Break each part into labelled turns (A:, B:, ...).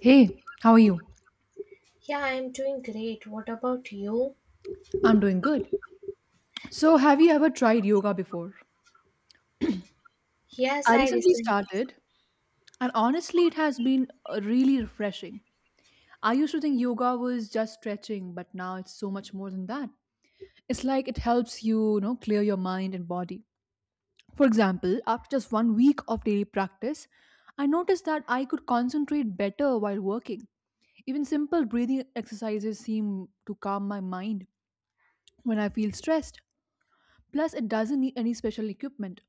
A: Hey, how are you?
B: Yeah, I'm doing great. What about you?
A: I'm doing good. So, have you ever tried yoga before?
B: Yes,
A: I
B: I
A: recently
B: recently.
A: started, and honestly, it has been really refreshing. I used to think yoga was just stretching, but now it's so much more than that. It's like it helps you clear your mind and body. For example, after just one week of daily practice, I noticed that I could concentrate better while working. Even simple breathing exercises seem to calm my mind when I feel stressed. Plus, it doesn't need any special equipment.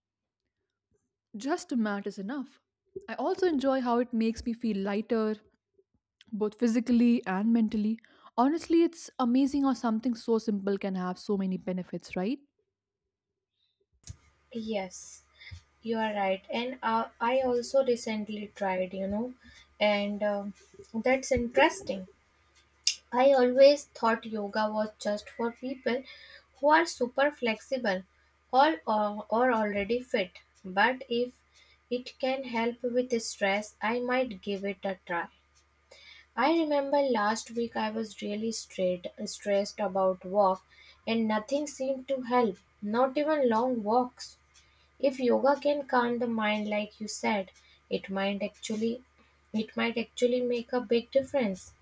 A: Just a mat is enough. I also enjoy how it makes me feel lighter, both physically and mentally. Honestly, it's amazing how something so simple can have so many benefits, right?
B: Yes, you are right. And I also recently tried, you know, and that's interesting. I always thought yoga was just for people who are super flexible or already fit. But if it can help with stress, I might give it a try. I remember last week I was stressed about work and nothing seemed to help, not even long walks. If yoga can calm the mind like you said, it might actually it might actually make a big difference.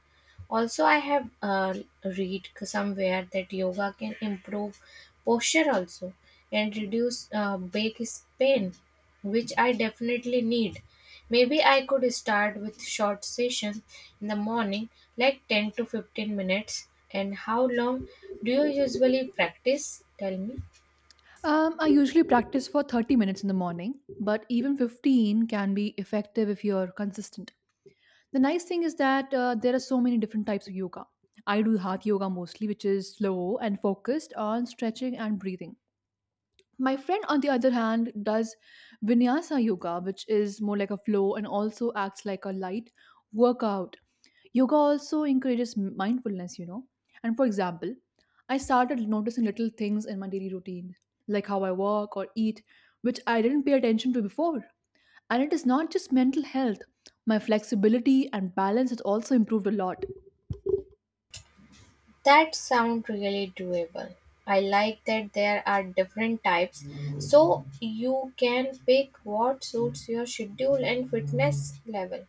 B: Also, I have read somewhere that yoga can improve posture also and reduce back pain, which I definitely need. Maybe I could start with short session in the morning, like 10 to 15 minutes. And how long do you usually practice? Tell me.
A: I usually practice for 30 minutes in the morning, but even 15 can be effective if you're consistent. The nice thing is that there are so many different types of yoga. I do heart yoga mostly, which is slow and focused on stretching and breathing. My friend, on the other hand, does vinyasa yoga, which is more like a flow and also acts like a light workout. Yoga also encourages mindfulness, you know. And for example, I started noticing little things in my daily routine, like how I walk or eat, which I didn't pay attention to before. And it is not just mental health, my flexibility and balance has also improved a lot.
B: That sound really doable. I like that there are different types so you can pick what suits your schedule and fitness level.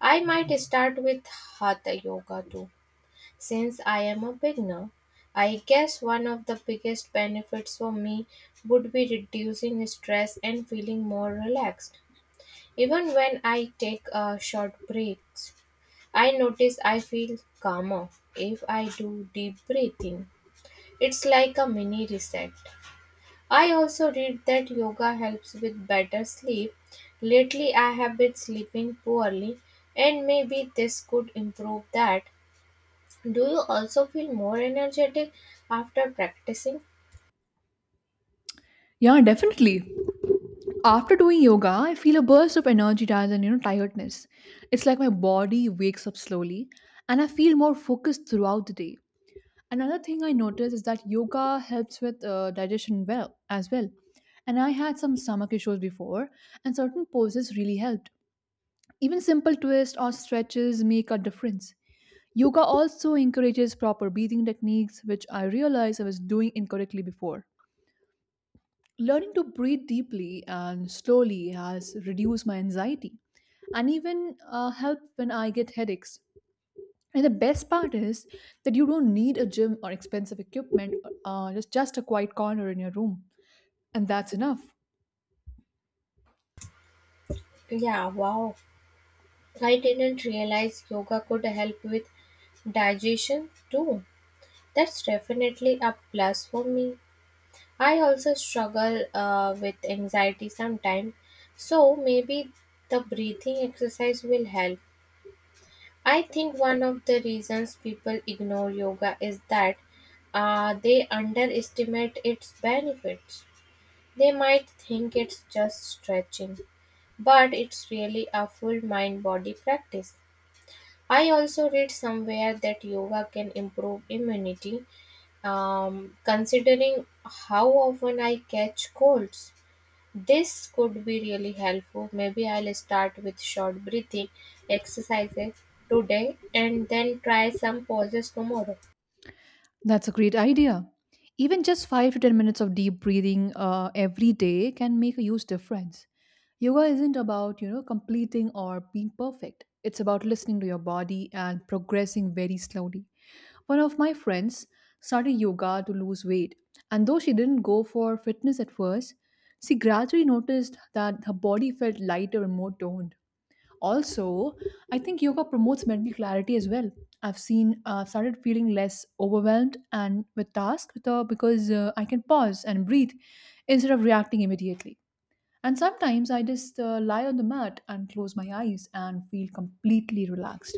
B: I might start with hatha yoga too since I am a beginner. I guess one of the biggest benefits for me would be reducing stress and feeling more relaxed. Even when I take a short breaks, I notice I feel calmer if I do deep breathing. It's like a mini reset. I also read that yoga helps with better sleep. Lately, I have been sleeping poorly, and maybe this could improve that. Do you also feel more energetic after practicing?
A: Yeah, definitely. After doing yoga, I feel a burst of energy rather than tiredness. It's like my body wakes up slowly and I feel more focused throughout the day. Another thing I noticed is that yoga helps with digestion well as well. And I had some stomach issues before and certain poses really helped. Even simple twists or stretches make a difference. Yoga also encourages proper breathing techniques which I realized I was doing incorrectly before. Learning to breathe deeply and slowly has reduced my anxiety and even help when I get headaches. And the best part is that you don't need a gym or expensive equipment, just a quiet corner in your room. And that's enough.
B: Yeah, wow. I didn't realize yoga could help with digestion too. That's definitely a plus for me. I also struggle with anxiety sometimes, so maybe the breathing exercise will help. I think one of the reasons people ignore yoga is that they underestimate its benefits. They might think it's just stretching, but it's really a full mind body practice. I also read somewhere that yoga can improve immunity, considering how often I catch colds. This could be really helpful. Maybe I'll start with short breathing exercises today and then try some pauses tomorrow.
A: That's a great idea. Even just 5 to 10 minutes of deep breathing every day can make a huge difference. Yoga isn't about, completing or being perfect. It's about listening to your body and progressing very slowly. One of my friends started yoga to lose weight, and though she didn't go for fitness at first, she gradually noticed that her body felt lighter and more toned. Also, I think yoga promotes mental clarity as well. I've started feeling less overwhelmed and with tasks because I can pause and breathe instead of reacting immediately. And sometimes I just lie on the mat and close my eyes and feel completely relaxed.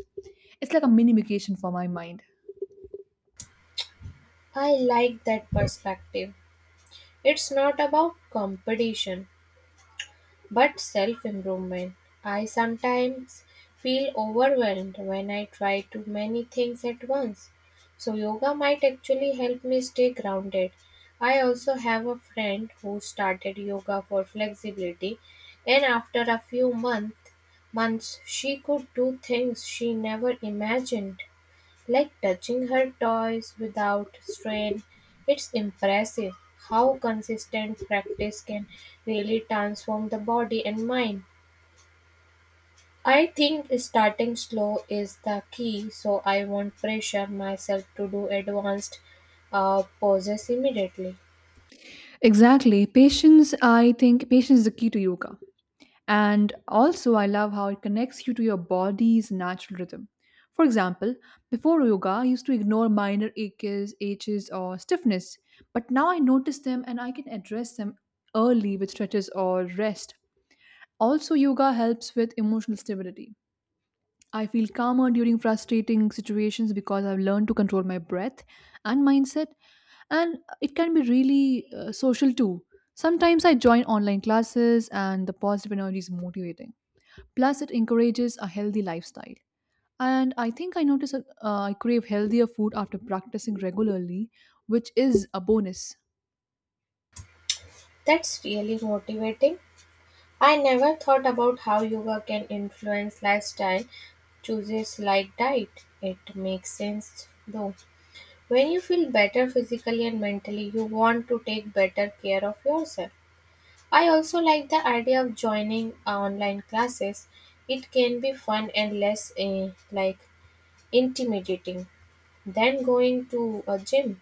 A: It's like a mini vacation for my mind.
B: I like that perspective. It's not about competition, but self improvement. I sometimes feel overwhelmed when I try too many things at once. So, yoga might actually help me stay grounded. I also have a friend who started yoga for flexibility, and after a months, she could do things she never imagined. Like touching her toys without strain, it's impressive how consistent practice can really transform the body and mind. I think starting slow is the key, so I won't pressure myself to do advanced poses immediately.
A: Exactly. Patience, I think patience is the key to yoga. And also, I love how it connects you to your body's natural rhythm. For example, before yoga, I used to ignore minor aches or stiffness, but now I notice them and I can address them early with stretches or rest. Also, yoga helps with emotional stability. I feel calmer during frustrating situations because I've learned to control my breath and mindset, and it can be really social too. Sometimes I join online classes, and the positive energy is motivating. Plus, it encourages a healthy lifestyle. And I think I notice I crave healthier food after practicing regularly, which is a bonus.
B: That's really motivating. I never thought about how yoga can influence lifestyle choices like diet. It makes sense though. When you feel better physically and mentally, you want to take better care of yourself. I also like the idea of joining online classes. It can be fun and less like intimidating than going to a gym.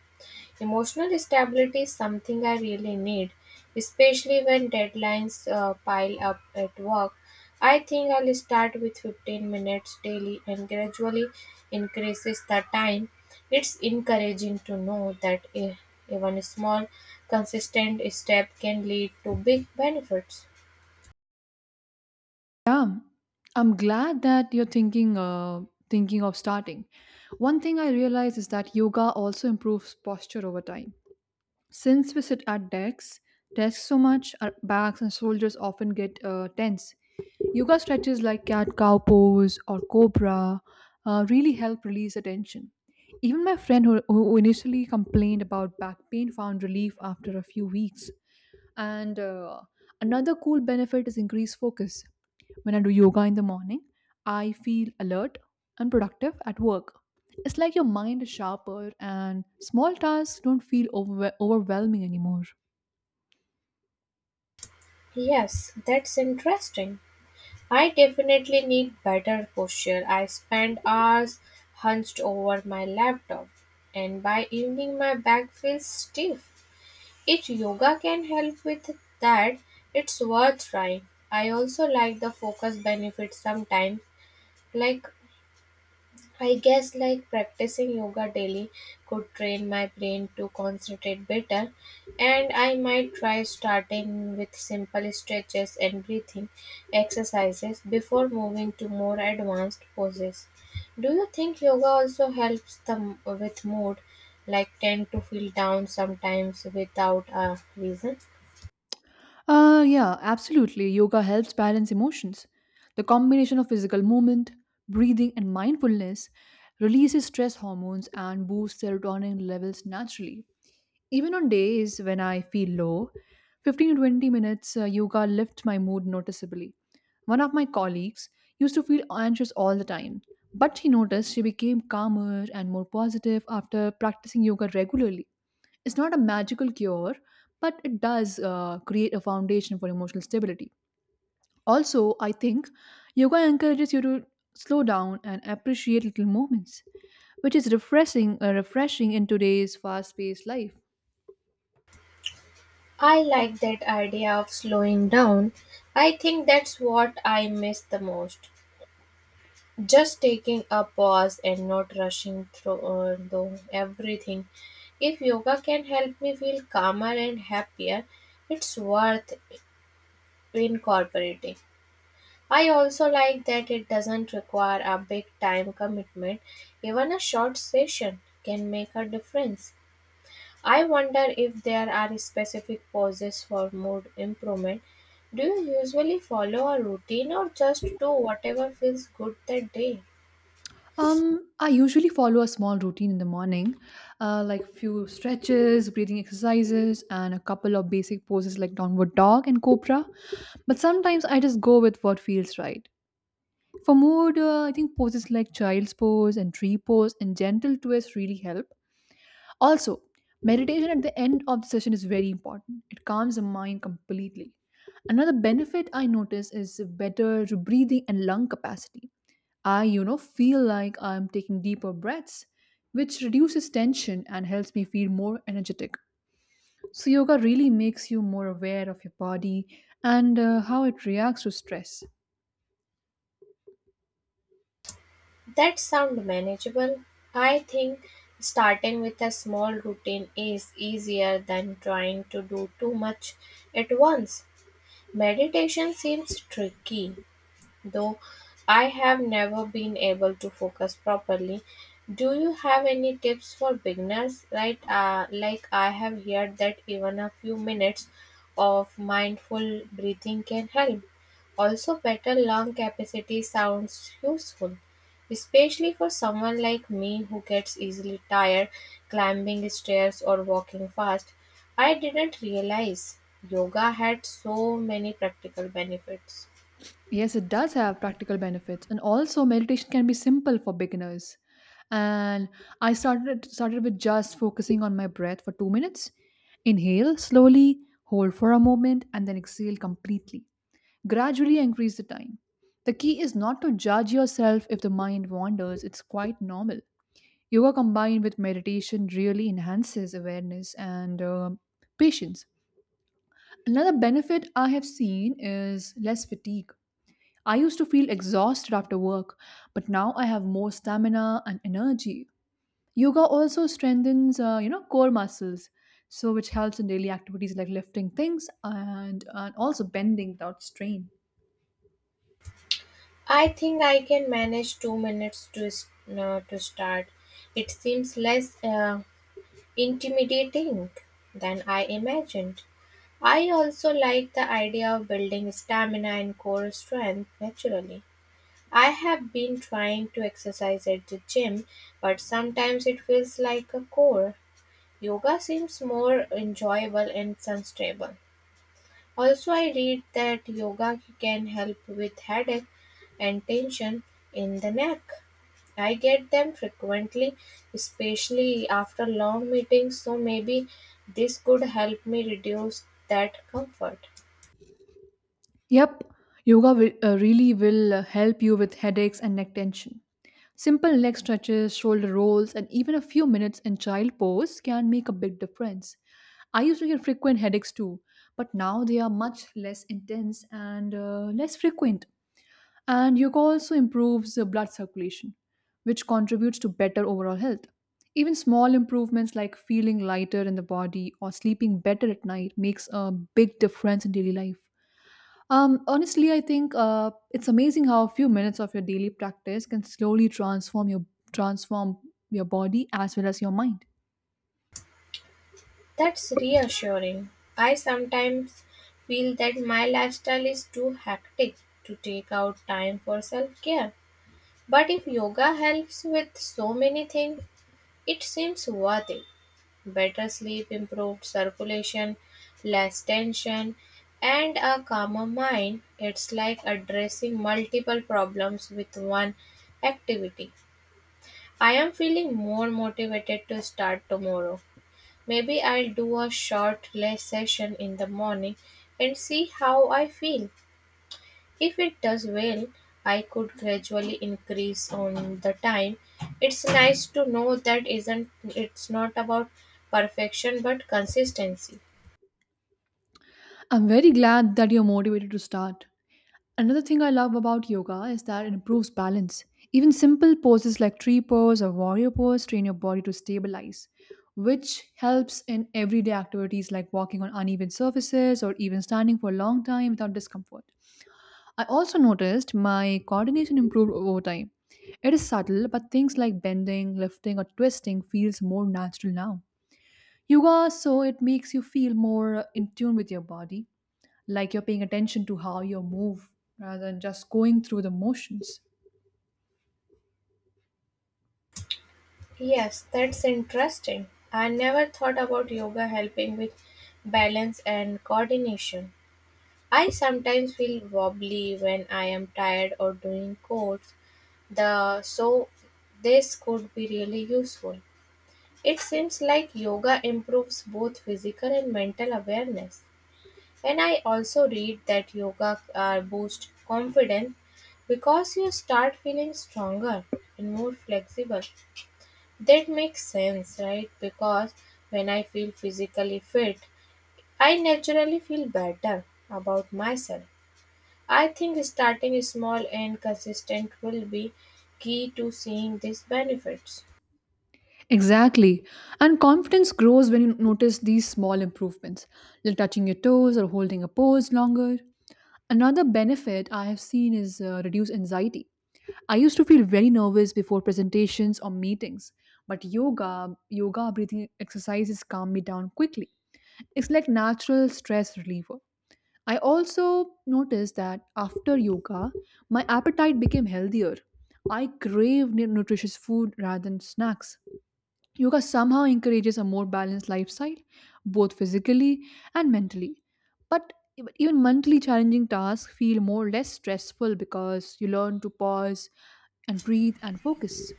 B: Emotional stability is something I really need, especially when deadlines pile up at work. I think I'll start with 15 minutes daily and gradually increases the time. It's encouraging to know that even a small, consistent step can lead to big benefits.
A: Yeah, I'm glad that you're thinking of starting. One thing I realize is that yoga also improves posture over time. Since we sit at desks so much, our backs and shoulders often get tense. Yoga stretches like cat cow pose or cobra really help release the tension. Even my friend who initially complained about back pain found relief after a few weeks. And another cool benefit is increased focus. When I do yoga in the morning, I feel alert and productive at work. It's like your mind is sharper and small tasks don't feel overwhelming anymore.
B: Yes, that's interesting. I definitely need better posture. I spend hours hunched over my laptop, and by evening, my back feels stiff. If yoga can help with that, it's worth trying. I also like the focus benefits sometimes, like I guess like practicing yoga daily could train my brain to concentrate better and I might try starting with simple stretches and breathing exercises before moving to more advanced poses. Do you think yoga also helps them with mood like tend to feel down sometimes without a reason?
A: Yeah, absolutely. Yoga helps balance emotions. The combination of physical movement, breathing, and mindfulness releases stress hormones and boosts serotonin levels naturally. Even on days when I feel low, 15 to 20 minutes yoga lifts my mood noticeably. One of my colleagues used to feel anxious all the time, but she noticed she became calmer and more positive after practicing yoga regularly. It's not a magical cure, but it does create a foundation for emotional stability. Also, I think yoga encourages you to slow down and appreciate little moments, which is refreshing in today's fast-paced life.
B: I like that idea of slowing down. I think that's what I miss the most. Just taking a pause and not rushing through though everything. If yoga can help me feel calmer and happier, it's worth incorporating. I also like that it doesn't require a big time commitment. Even a short session can make a difference. I wonder if there are specific poses for mood improvement. Do you usually follow a routine or just do whatever feels good that day?
A: I usually follow a small routine in the morning, like few stretches, breathing exercises, and a couple of basic poses like downward dog and cobra. But sometimes I just go with what feels right. For mood, I think poses like child's pose and tree pose and gentle twists really help. Also, meditation at the end of the session is very important. It calms the mind completely. Another benefit I notice is better breathing and lung capacity. I feel like I'm taking deeper breaths, which reduces tension and helps me feel more energetic. So, yoga really makes you more aware of your body and how it reacts to stress.
B: That sound manageable. I think starting with a small routine is easier than trying to do too much at once. Meditation seems tricky though I have never been able to focus properly. Do you have any tips for beginners? Right, like I have heard that even a few minutes of mindful breathing can help. Also, better lung capacity sounds useful, especially for someone like me who gets easily tired climbing stairs or walking fast. I didn't realize yoga had so many practical benefits.
A: Yes, it does have practical benefits, and also meditation can be simple for beginners. And I started with just focusing on my breath for 2 minutes. Inhale slowly, hold for a moment, and then exhale completely. Gradually increase the time. The key is not to judge yourself if the mind wanders, it's quite normal. Yoga combined with meditation really enhances awareness and patience. Another benefit I have seen is less fatigue. I used to feel exhausted after work, but now I have more stamina and energy. Yoga also strengthens, core muscles, so which helps in daily activities like lifting things and also bending without strain.
B: I think I can manage 2 minutes to start. It seems less intimidating than I imagined. I also like the idea of building stamina and core strength naturally. I have been trying to exercise at the gym, but sometimes it feels like a core. Yoga seems more enjoyable and sustainable. Also I read that yoga can help with headache and tension in the neck. I get them frequently, especially after long meetings, so maybe this could help me reduce that comfort.
A: Yep, yoga will, really will help you with headaches and neck tension. Simple leg stretches, shoulder rolls, and even a few minutes in child pose can make a big difference. I used to get frequent headaches too, but now they are much less intense and less frequent. And yoga also improves the blood circulation, which contributes to better overall health. Even small improvements like feeling lighter in the body or sleeping better at night makes a big difference in daily life. Honestly, I think it's amazing how a few minutes of your daily practice can slowly transform your body as well as your mind.
B: That's reassuring. I sometimes feel that my lifestyle is too hectic to take out time for self care. But if yoga helps with so many things, it seems worth it. Better sleep, improved circulation, less tension, and a calmer mind. It's like addressing multiple problems with one activity. I am feeling more motivated to start tomorrow. Maybe I'll do a short less session in the morning and see how I feel. If it does well, I could gradually increase on the time. It's nice to know that isn't it's not about perfection but consistency.
A: I'm very glad that you're motivated to start. Another thing I love about yoga is that it improves balance. Even simple poses like tree pose or warrior pose train your body to stabilize, which helps in everyday activities like walking on uneven surfaces or even standing for a long time without discomfort. I also noticed my coordination improved over time. It is subtle, but things like bending, lifting, or twisting feels more natural now. Yoga it makes you feel more in tune with your body, like you're paying attention to how you move rather than just going through the motions.
B: Yes, that's interesting. I never thought about yoga helping with balance and coordination. I sometimes feel wobbly when I am tired or doing chores. The so This could be really useful. It seems like yoga improves both physical and mental awareness. And I also read that yoga boosts confidence because you start feeling stronger and more flexible. That makes sense, right? Because when I feel physically fit, I naturally feel better about myself. I think starting small and consistent will be key to seeing these benefits.
A: Exactly. And confidence grows when you notice these small improvements, like touching your toes or holding a pose longer. Another benefit I have seen is reduced anxiety. I used to feel very nervous before presentations or meetings, but yoga breathing exercises calm me down quickly. It's like natural stress reliever. I also noticed that after yoga, my appetite became healthier. I craved nutritious food rather than snacks. Yoga somehow encourages a more balanced lifestyle, both physically and mentally. But even mentally challenging tasks feel more less stressful because you learn to pause and breathe and focus.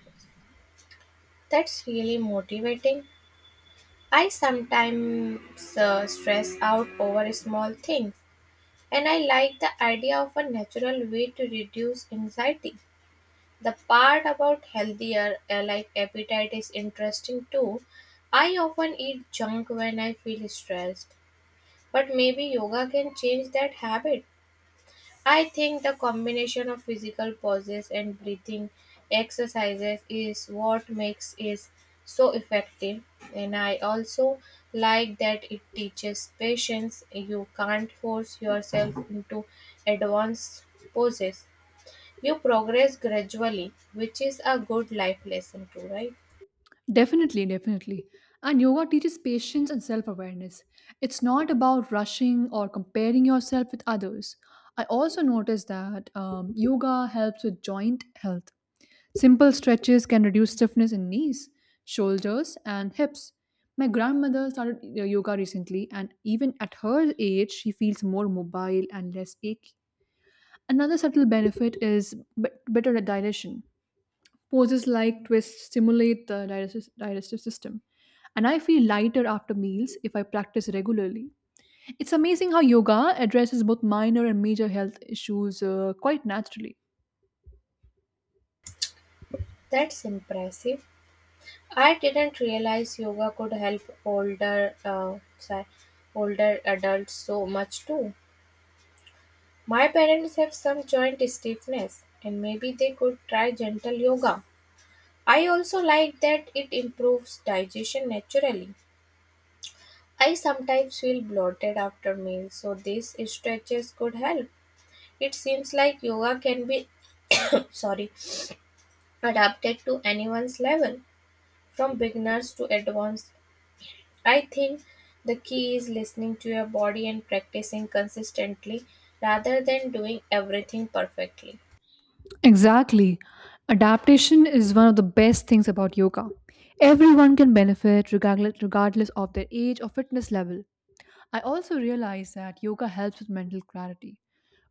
B: That's really motivating. I sometimes stress out over small things, and I like the idea of a natural way to reduce anxiety. The part about healthier like appetite is interesting too. I often eat junk when I feel stressed, but maybe yoga can change that habit. I think the combination of physical pauses and breathing exercises is what makes it so effective. And I also like that it teaches patience. You can't force yourself into advanced poses. You progress gradually, which is a good life lesson too, right?
A: Definitely, definitely. And yoga teaches patience and self awareness. It's not about rushing or comparing yourself with others. I also noticed that yoga helps with joint health. Simple stretches can reduce stiffness in knees, shoulders, and hips. My grandmother started yoga recently, and even at her age, she feels more mobile and less achy. Another subtle benefit is better digestion. Poses like twists stimulate the digestive system. And I feel lighter after meals if I practice regularly. It's amazing how yoga addresses both minor and major health issues quite naturally.
B: That's impressive. I didn't realize yoga could help older adults so much too. My parents have some joint stiffness and maybe they could try gentle yoga. I also like that it improves digestion naturally. I sometimes feel bloated after meals, so these stretches could help. It seems like yoga can be sorry, adapted to anyone's level, from beginners to advanced. I think the key is listening to your body and practicing consistently rather than doing everything perfectly.
A: Exactly. Adaptation is one of the best things about yoga. Everyone can benefit regardless of their age or fitness level. I also realize that yoga helps with mental clarity.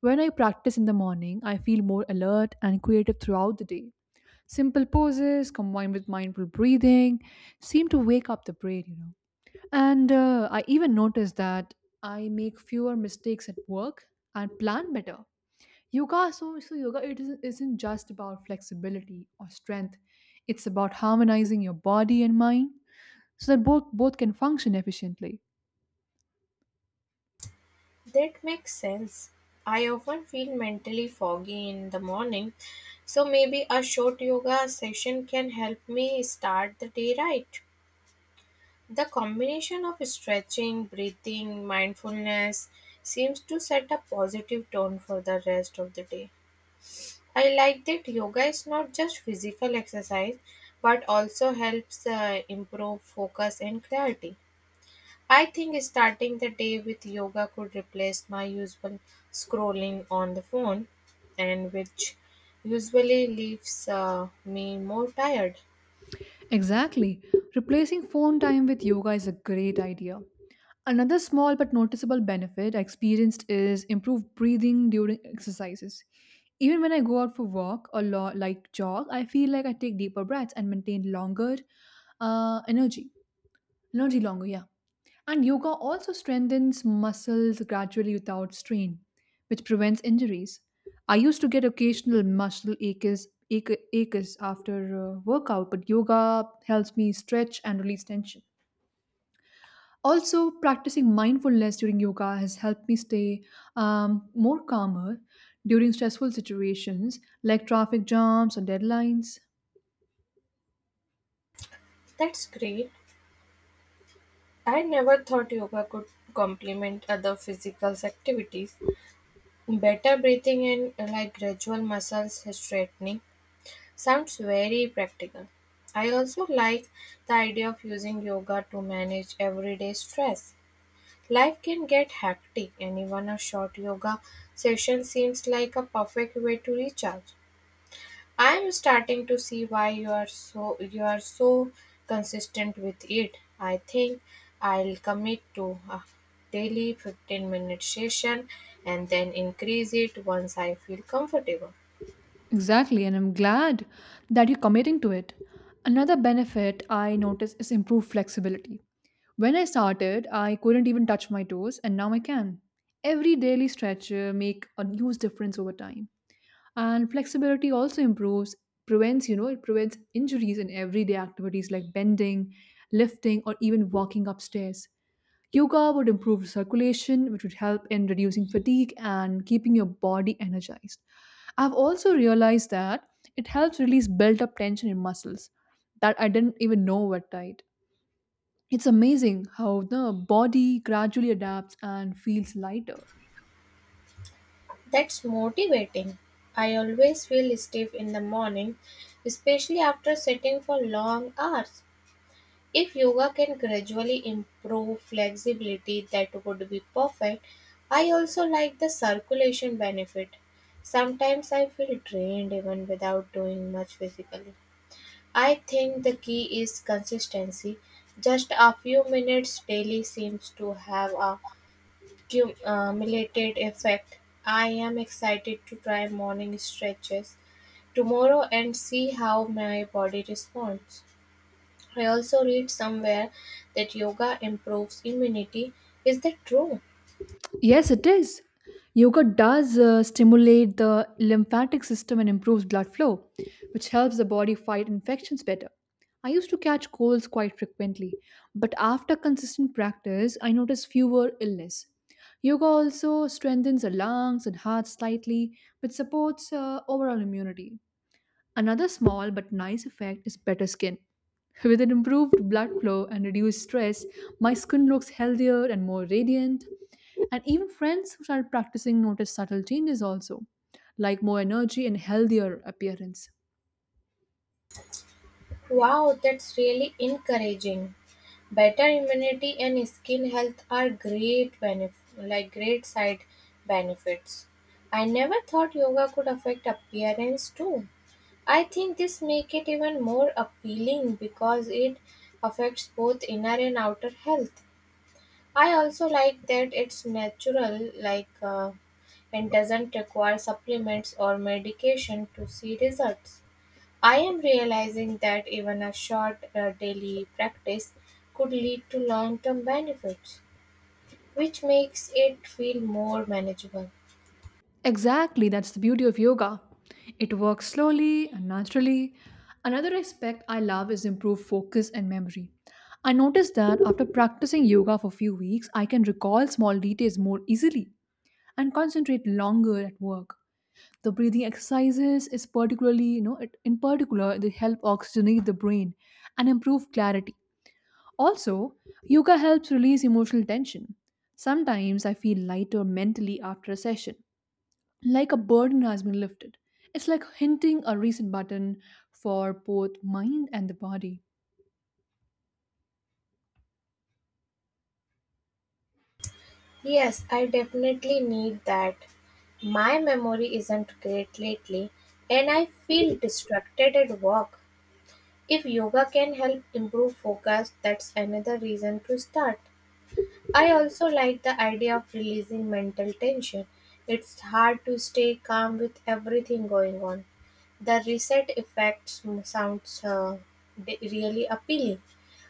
A: When I practice in the morning, I feel more alert and creative throughout the day. Simple poses combined with mindful breathing seem to wake up the brain, you know. And I even noticed that I make fewer mistakes at work and plan better. Yoga, so, so yoga, it isn't just about flexibility or strength. It's about harmonizing your body and mind so that both can function efficiently.
B: That makes sense. I often feel mentally foggy in the morning, so maybe a short yoga session can help me start the day right. The combination of stretching, breathing, mindfulness seems to set a positive tone for the rest of the day. I like that yoga is not just physical exercise but also helps improve focus and clarity. I think starting the day with yoga could replace my usual scrolling on the phone, and which usually leaves me more tired.
A: Exactly. Replacing phone time with yoga is a great idea. Another small but noticeable benefit I experienced is improved breathing during exercises. Even when I go out for walk or like jog, I feel like I take deeper breaths and maintain longer energy. Energy longer, yeah. And yoga also strengthens muscles gradually without strain, which prevents injuries. I used to get occasional muscle aches after workout, but yoga helps me stretch and release tension. Also, practicing mindfulness during yoga has helped me stay more calmer during stressful situations like traffic jams or deadlines.
B: That's great. I never thought yoga could complement other physical activities. Better breathing and like gradual muscles straightening sounds very practical. I also like the idea of using yoga to manage everyday stress. Life can get hectic, and even a short yoga session seems like a perfect way to recharge. I am starting to see why you are so consistent with it. I think I'll commit to a daily 15-minute session and then increase it once I feel comfortable.
A: Exactly, and I'm glad that you're committing to it. Another benefit I noticed is improved flexibility. When I started, I couldn't even touch my toes, and now I can. Every daily stretch make a huge difference over time. And flexibility also improves prevents you know it prevents injuries in everyday activities like bending, lifting, or even walking upstairs. Yoga would improve circulation, which would help in reducing fatigue and keeping your body energized. I've also realized that it helps release built up tension in muscles that I didn't even know were tight. It's amazing how the body gradually adapts and feels lighter.
B: That's motivating. I always feel stiff in the morning, especially after sitting for long hours. If yoga can gradually improve flexibility, that would be perfect. I also like the circulation benefit. Sometimes I feel drained even without doing much physically. I think the key is consistency. Just a few minutes daily seems to have a cumulative effect. I am excited to try morning stretches tomorrow and see how my body responds. I also read somewhere that yoga improves immunity. Is that true?
A: Yes, it is. Yoga does stimulate the lymphatic system and improves blood flow, which helps the body fight infections better. I used to catch colds quite frequently, but after consistent practice, I noticed fewer illness. Yoga also strengthens the lungs and heart slightly, which supports overall immunity. Another small but nice effect is better skin. With an improved blood flow and reduced stress, my skin looks healthier and more radiant. And even friends who start practicing notice subtle changes also, like more energy and healthier appearance.
B: Wow, that's really encouraging. Better immunity and skin health are great benefit, like great side benefits. I never thought yoga could affect appearance too. I think this make it even more appealing because it affects both inner and outer health. I also like that it's natural, and doesn't require supplements or medication to see results. I am realizing that even a short daily practice could lead to long term benefits, which makes it feel more manageable.
A: Exactly, that's the beauty of yoga. It works slowly and naturally. Another aspect I love is improved focus and memory. I noticed that after practicing yoga for a few weeks, I can recall small details more easily and concentrate longer at work. The breathing exercises is particularly, you know, it, in particular, they help oxygenate the brain and improve clarity. Also, yoga helps release emotional tension. Sometimes I feel lighter mentally after a session, like a burden has been lifted. It's like hitting a reset button for both mind and the body.
B: Yes, I definitely need that. My memory isn't great lately, and I feel distracted at work. If yoga can help improve focus, that's another reason to start. I also like the idea of releasing mental tension. It's hard to stay calm with everything going on. The reset effect sounds really appealing.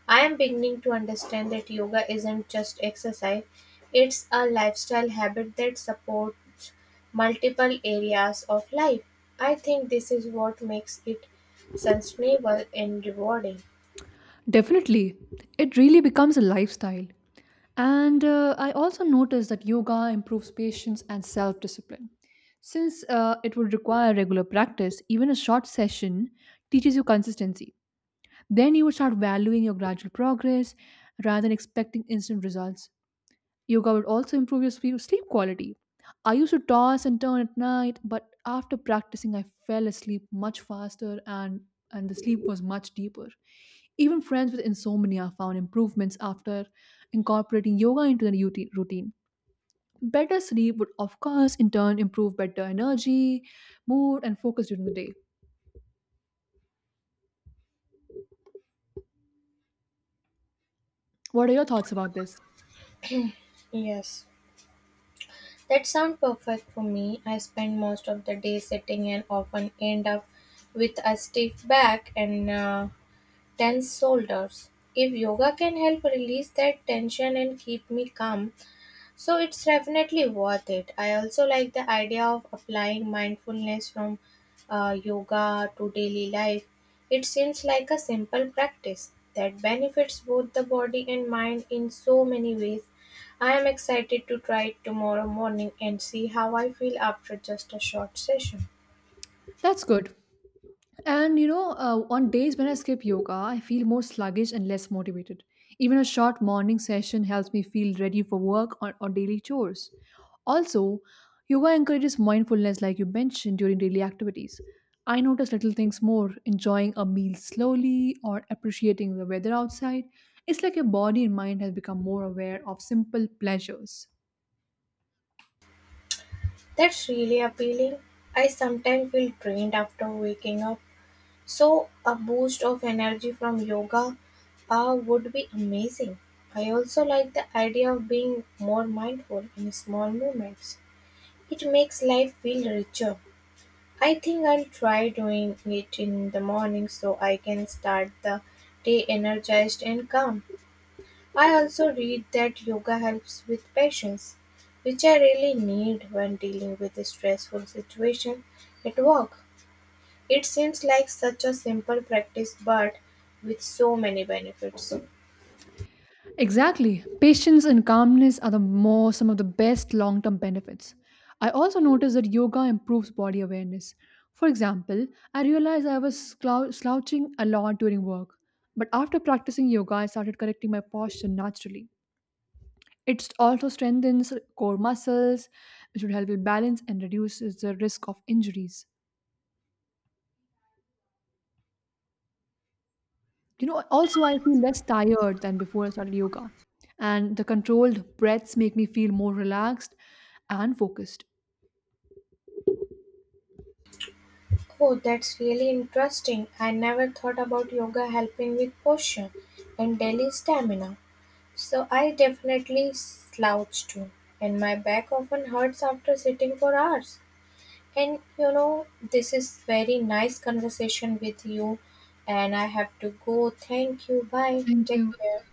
B: I am beginning to understand that yoga isn't just exercise, it's a lifestyle habit that supports multiple areas of life. I think this is what makes it sustainable and rewarding.
A: Definitely. It really becomes a lifestyle. And I also noticed that yoga improves patience and self discipline. Since it would require regular practice, even a short session teaches you consistency. Then you would start valuing your gradual progress rather than expecting instant results. Yoga would also improve your sleep quality. I used to toss and turn at night, but after practicing, I fell asleep much faster and the sleep was much deeper. Even friends with insomnia found improvements after incorporating yoga into their routine. Better sleep would, of course, in turn improve better energy, mood, and focus during the day. What are your thoughts about this?
B: Yes. That sounds perfect for me. I spend most of the day sitting and often end up with a stiff back and tense shoulders. If yoga can help release that tension and keep me calm, so it's definitely worth it. I also like the idea of applying mindfulness from yoga to daily life. It seems like a simple practice that benefits both the body and mind in so many ways. I am excited to try it tomorrow morning and see how I feel after just a short session.
A: That's good. And you know, on days when I skip yoga, I feel more sluggish and less motivated. Even a short morning session helps me feel ready for work or daily chores. Also, yoga encourages mindfulness, like you mentioned, during daily activities. I notice little things more, enjoying a meal slowly or appreciating the weather outside. It's like your body and mind has become more aware of simple pleasures.
B: That's really appealing. I sometimes feel drained after waking up. So, a boost of energy from yoga would be amazing. I also like the idea of being more mindful in small moments. It makes life feel richer. I think I'll try doing it in the morning so I can start the day energized and calm. I also read that yoga helps with patience, which I really need when dealing with a stressful situation at work. It seems like such a simple practice, but with so many benefits.
A: Exactly. Patience and calmness are the more some of the best long-term benefits. I also noticed that yoga improves body awareness. For example, I realized I was slouching a lot during work, but after practicing yoga, I started correcting my posture naturally. It also strengthens core muscles, which would help with balance and reduces the risk of injuries. You know, also I feel less tired than before I started yoga, and the controlled breaths make me feel more relaxed and focused.
B: Oh, that's really interesting. I never thought about yoga helping with posture and daily stamina. So I definitely slouch too, and my back often hurts after sitting for hours. And you know, this is very nice conversation with you, and I have to go. Thank you. Bye.
A: Thank
B: Take
A: you.
B: care.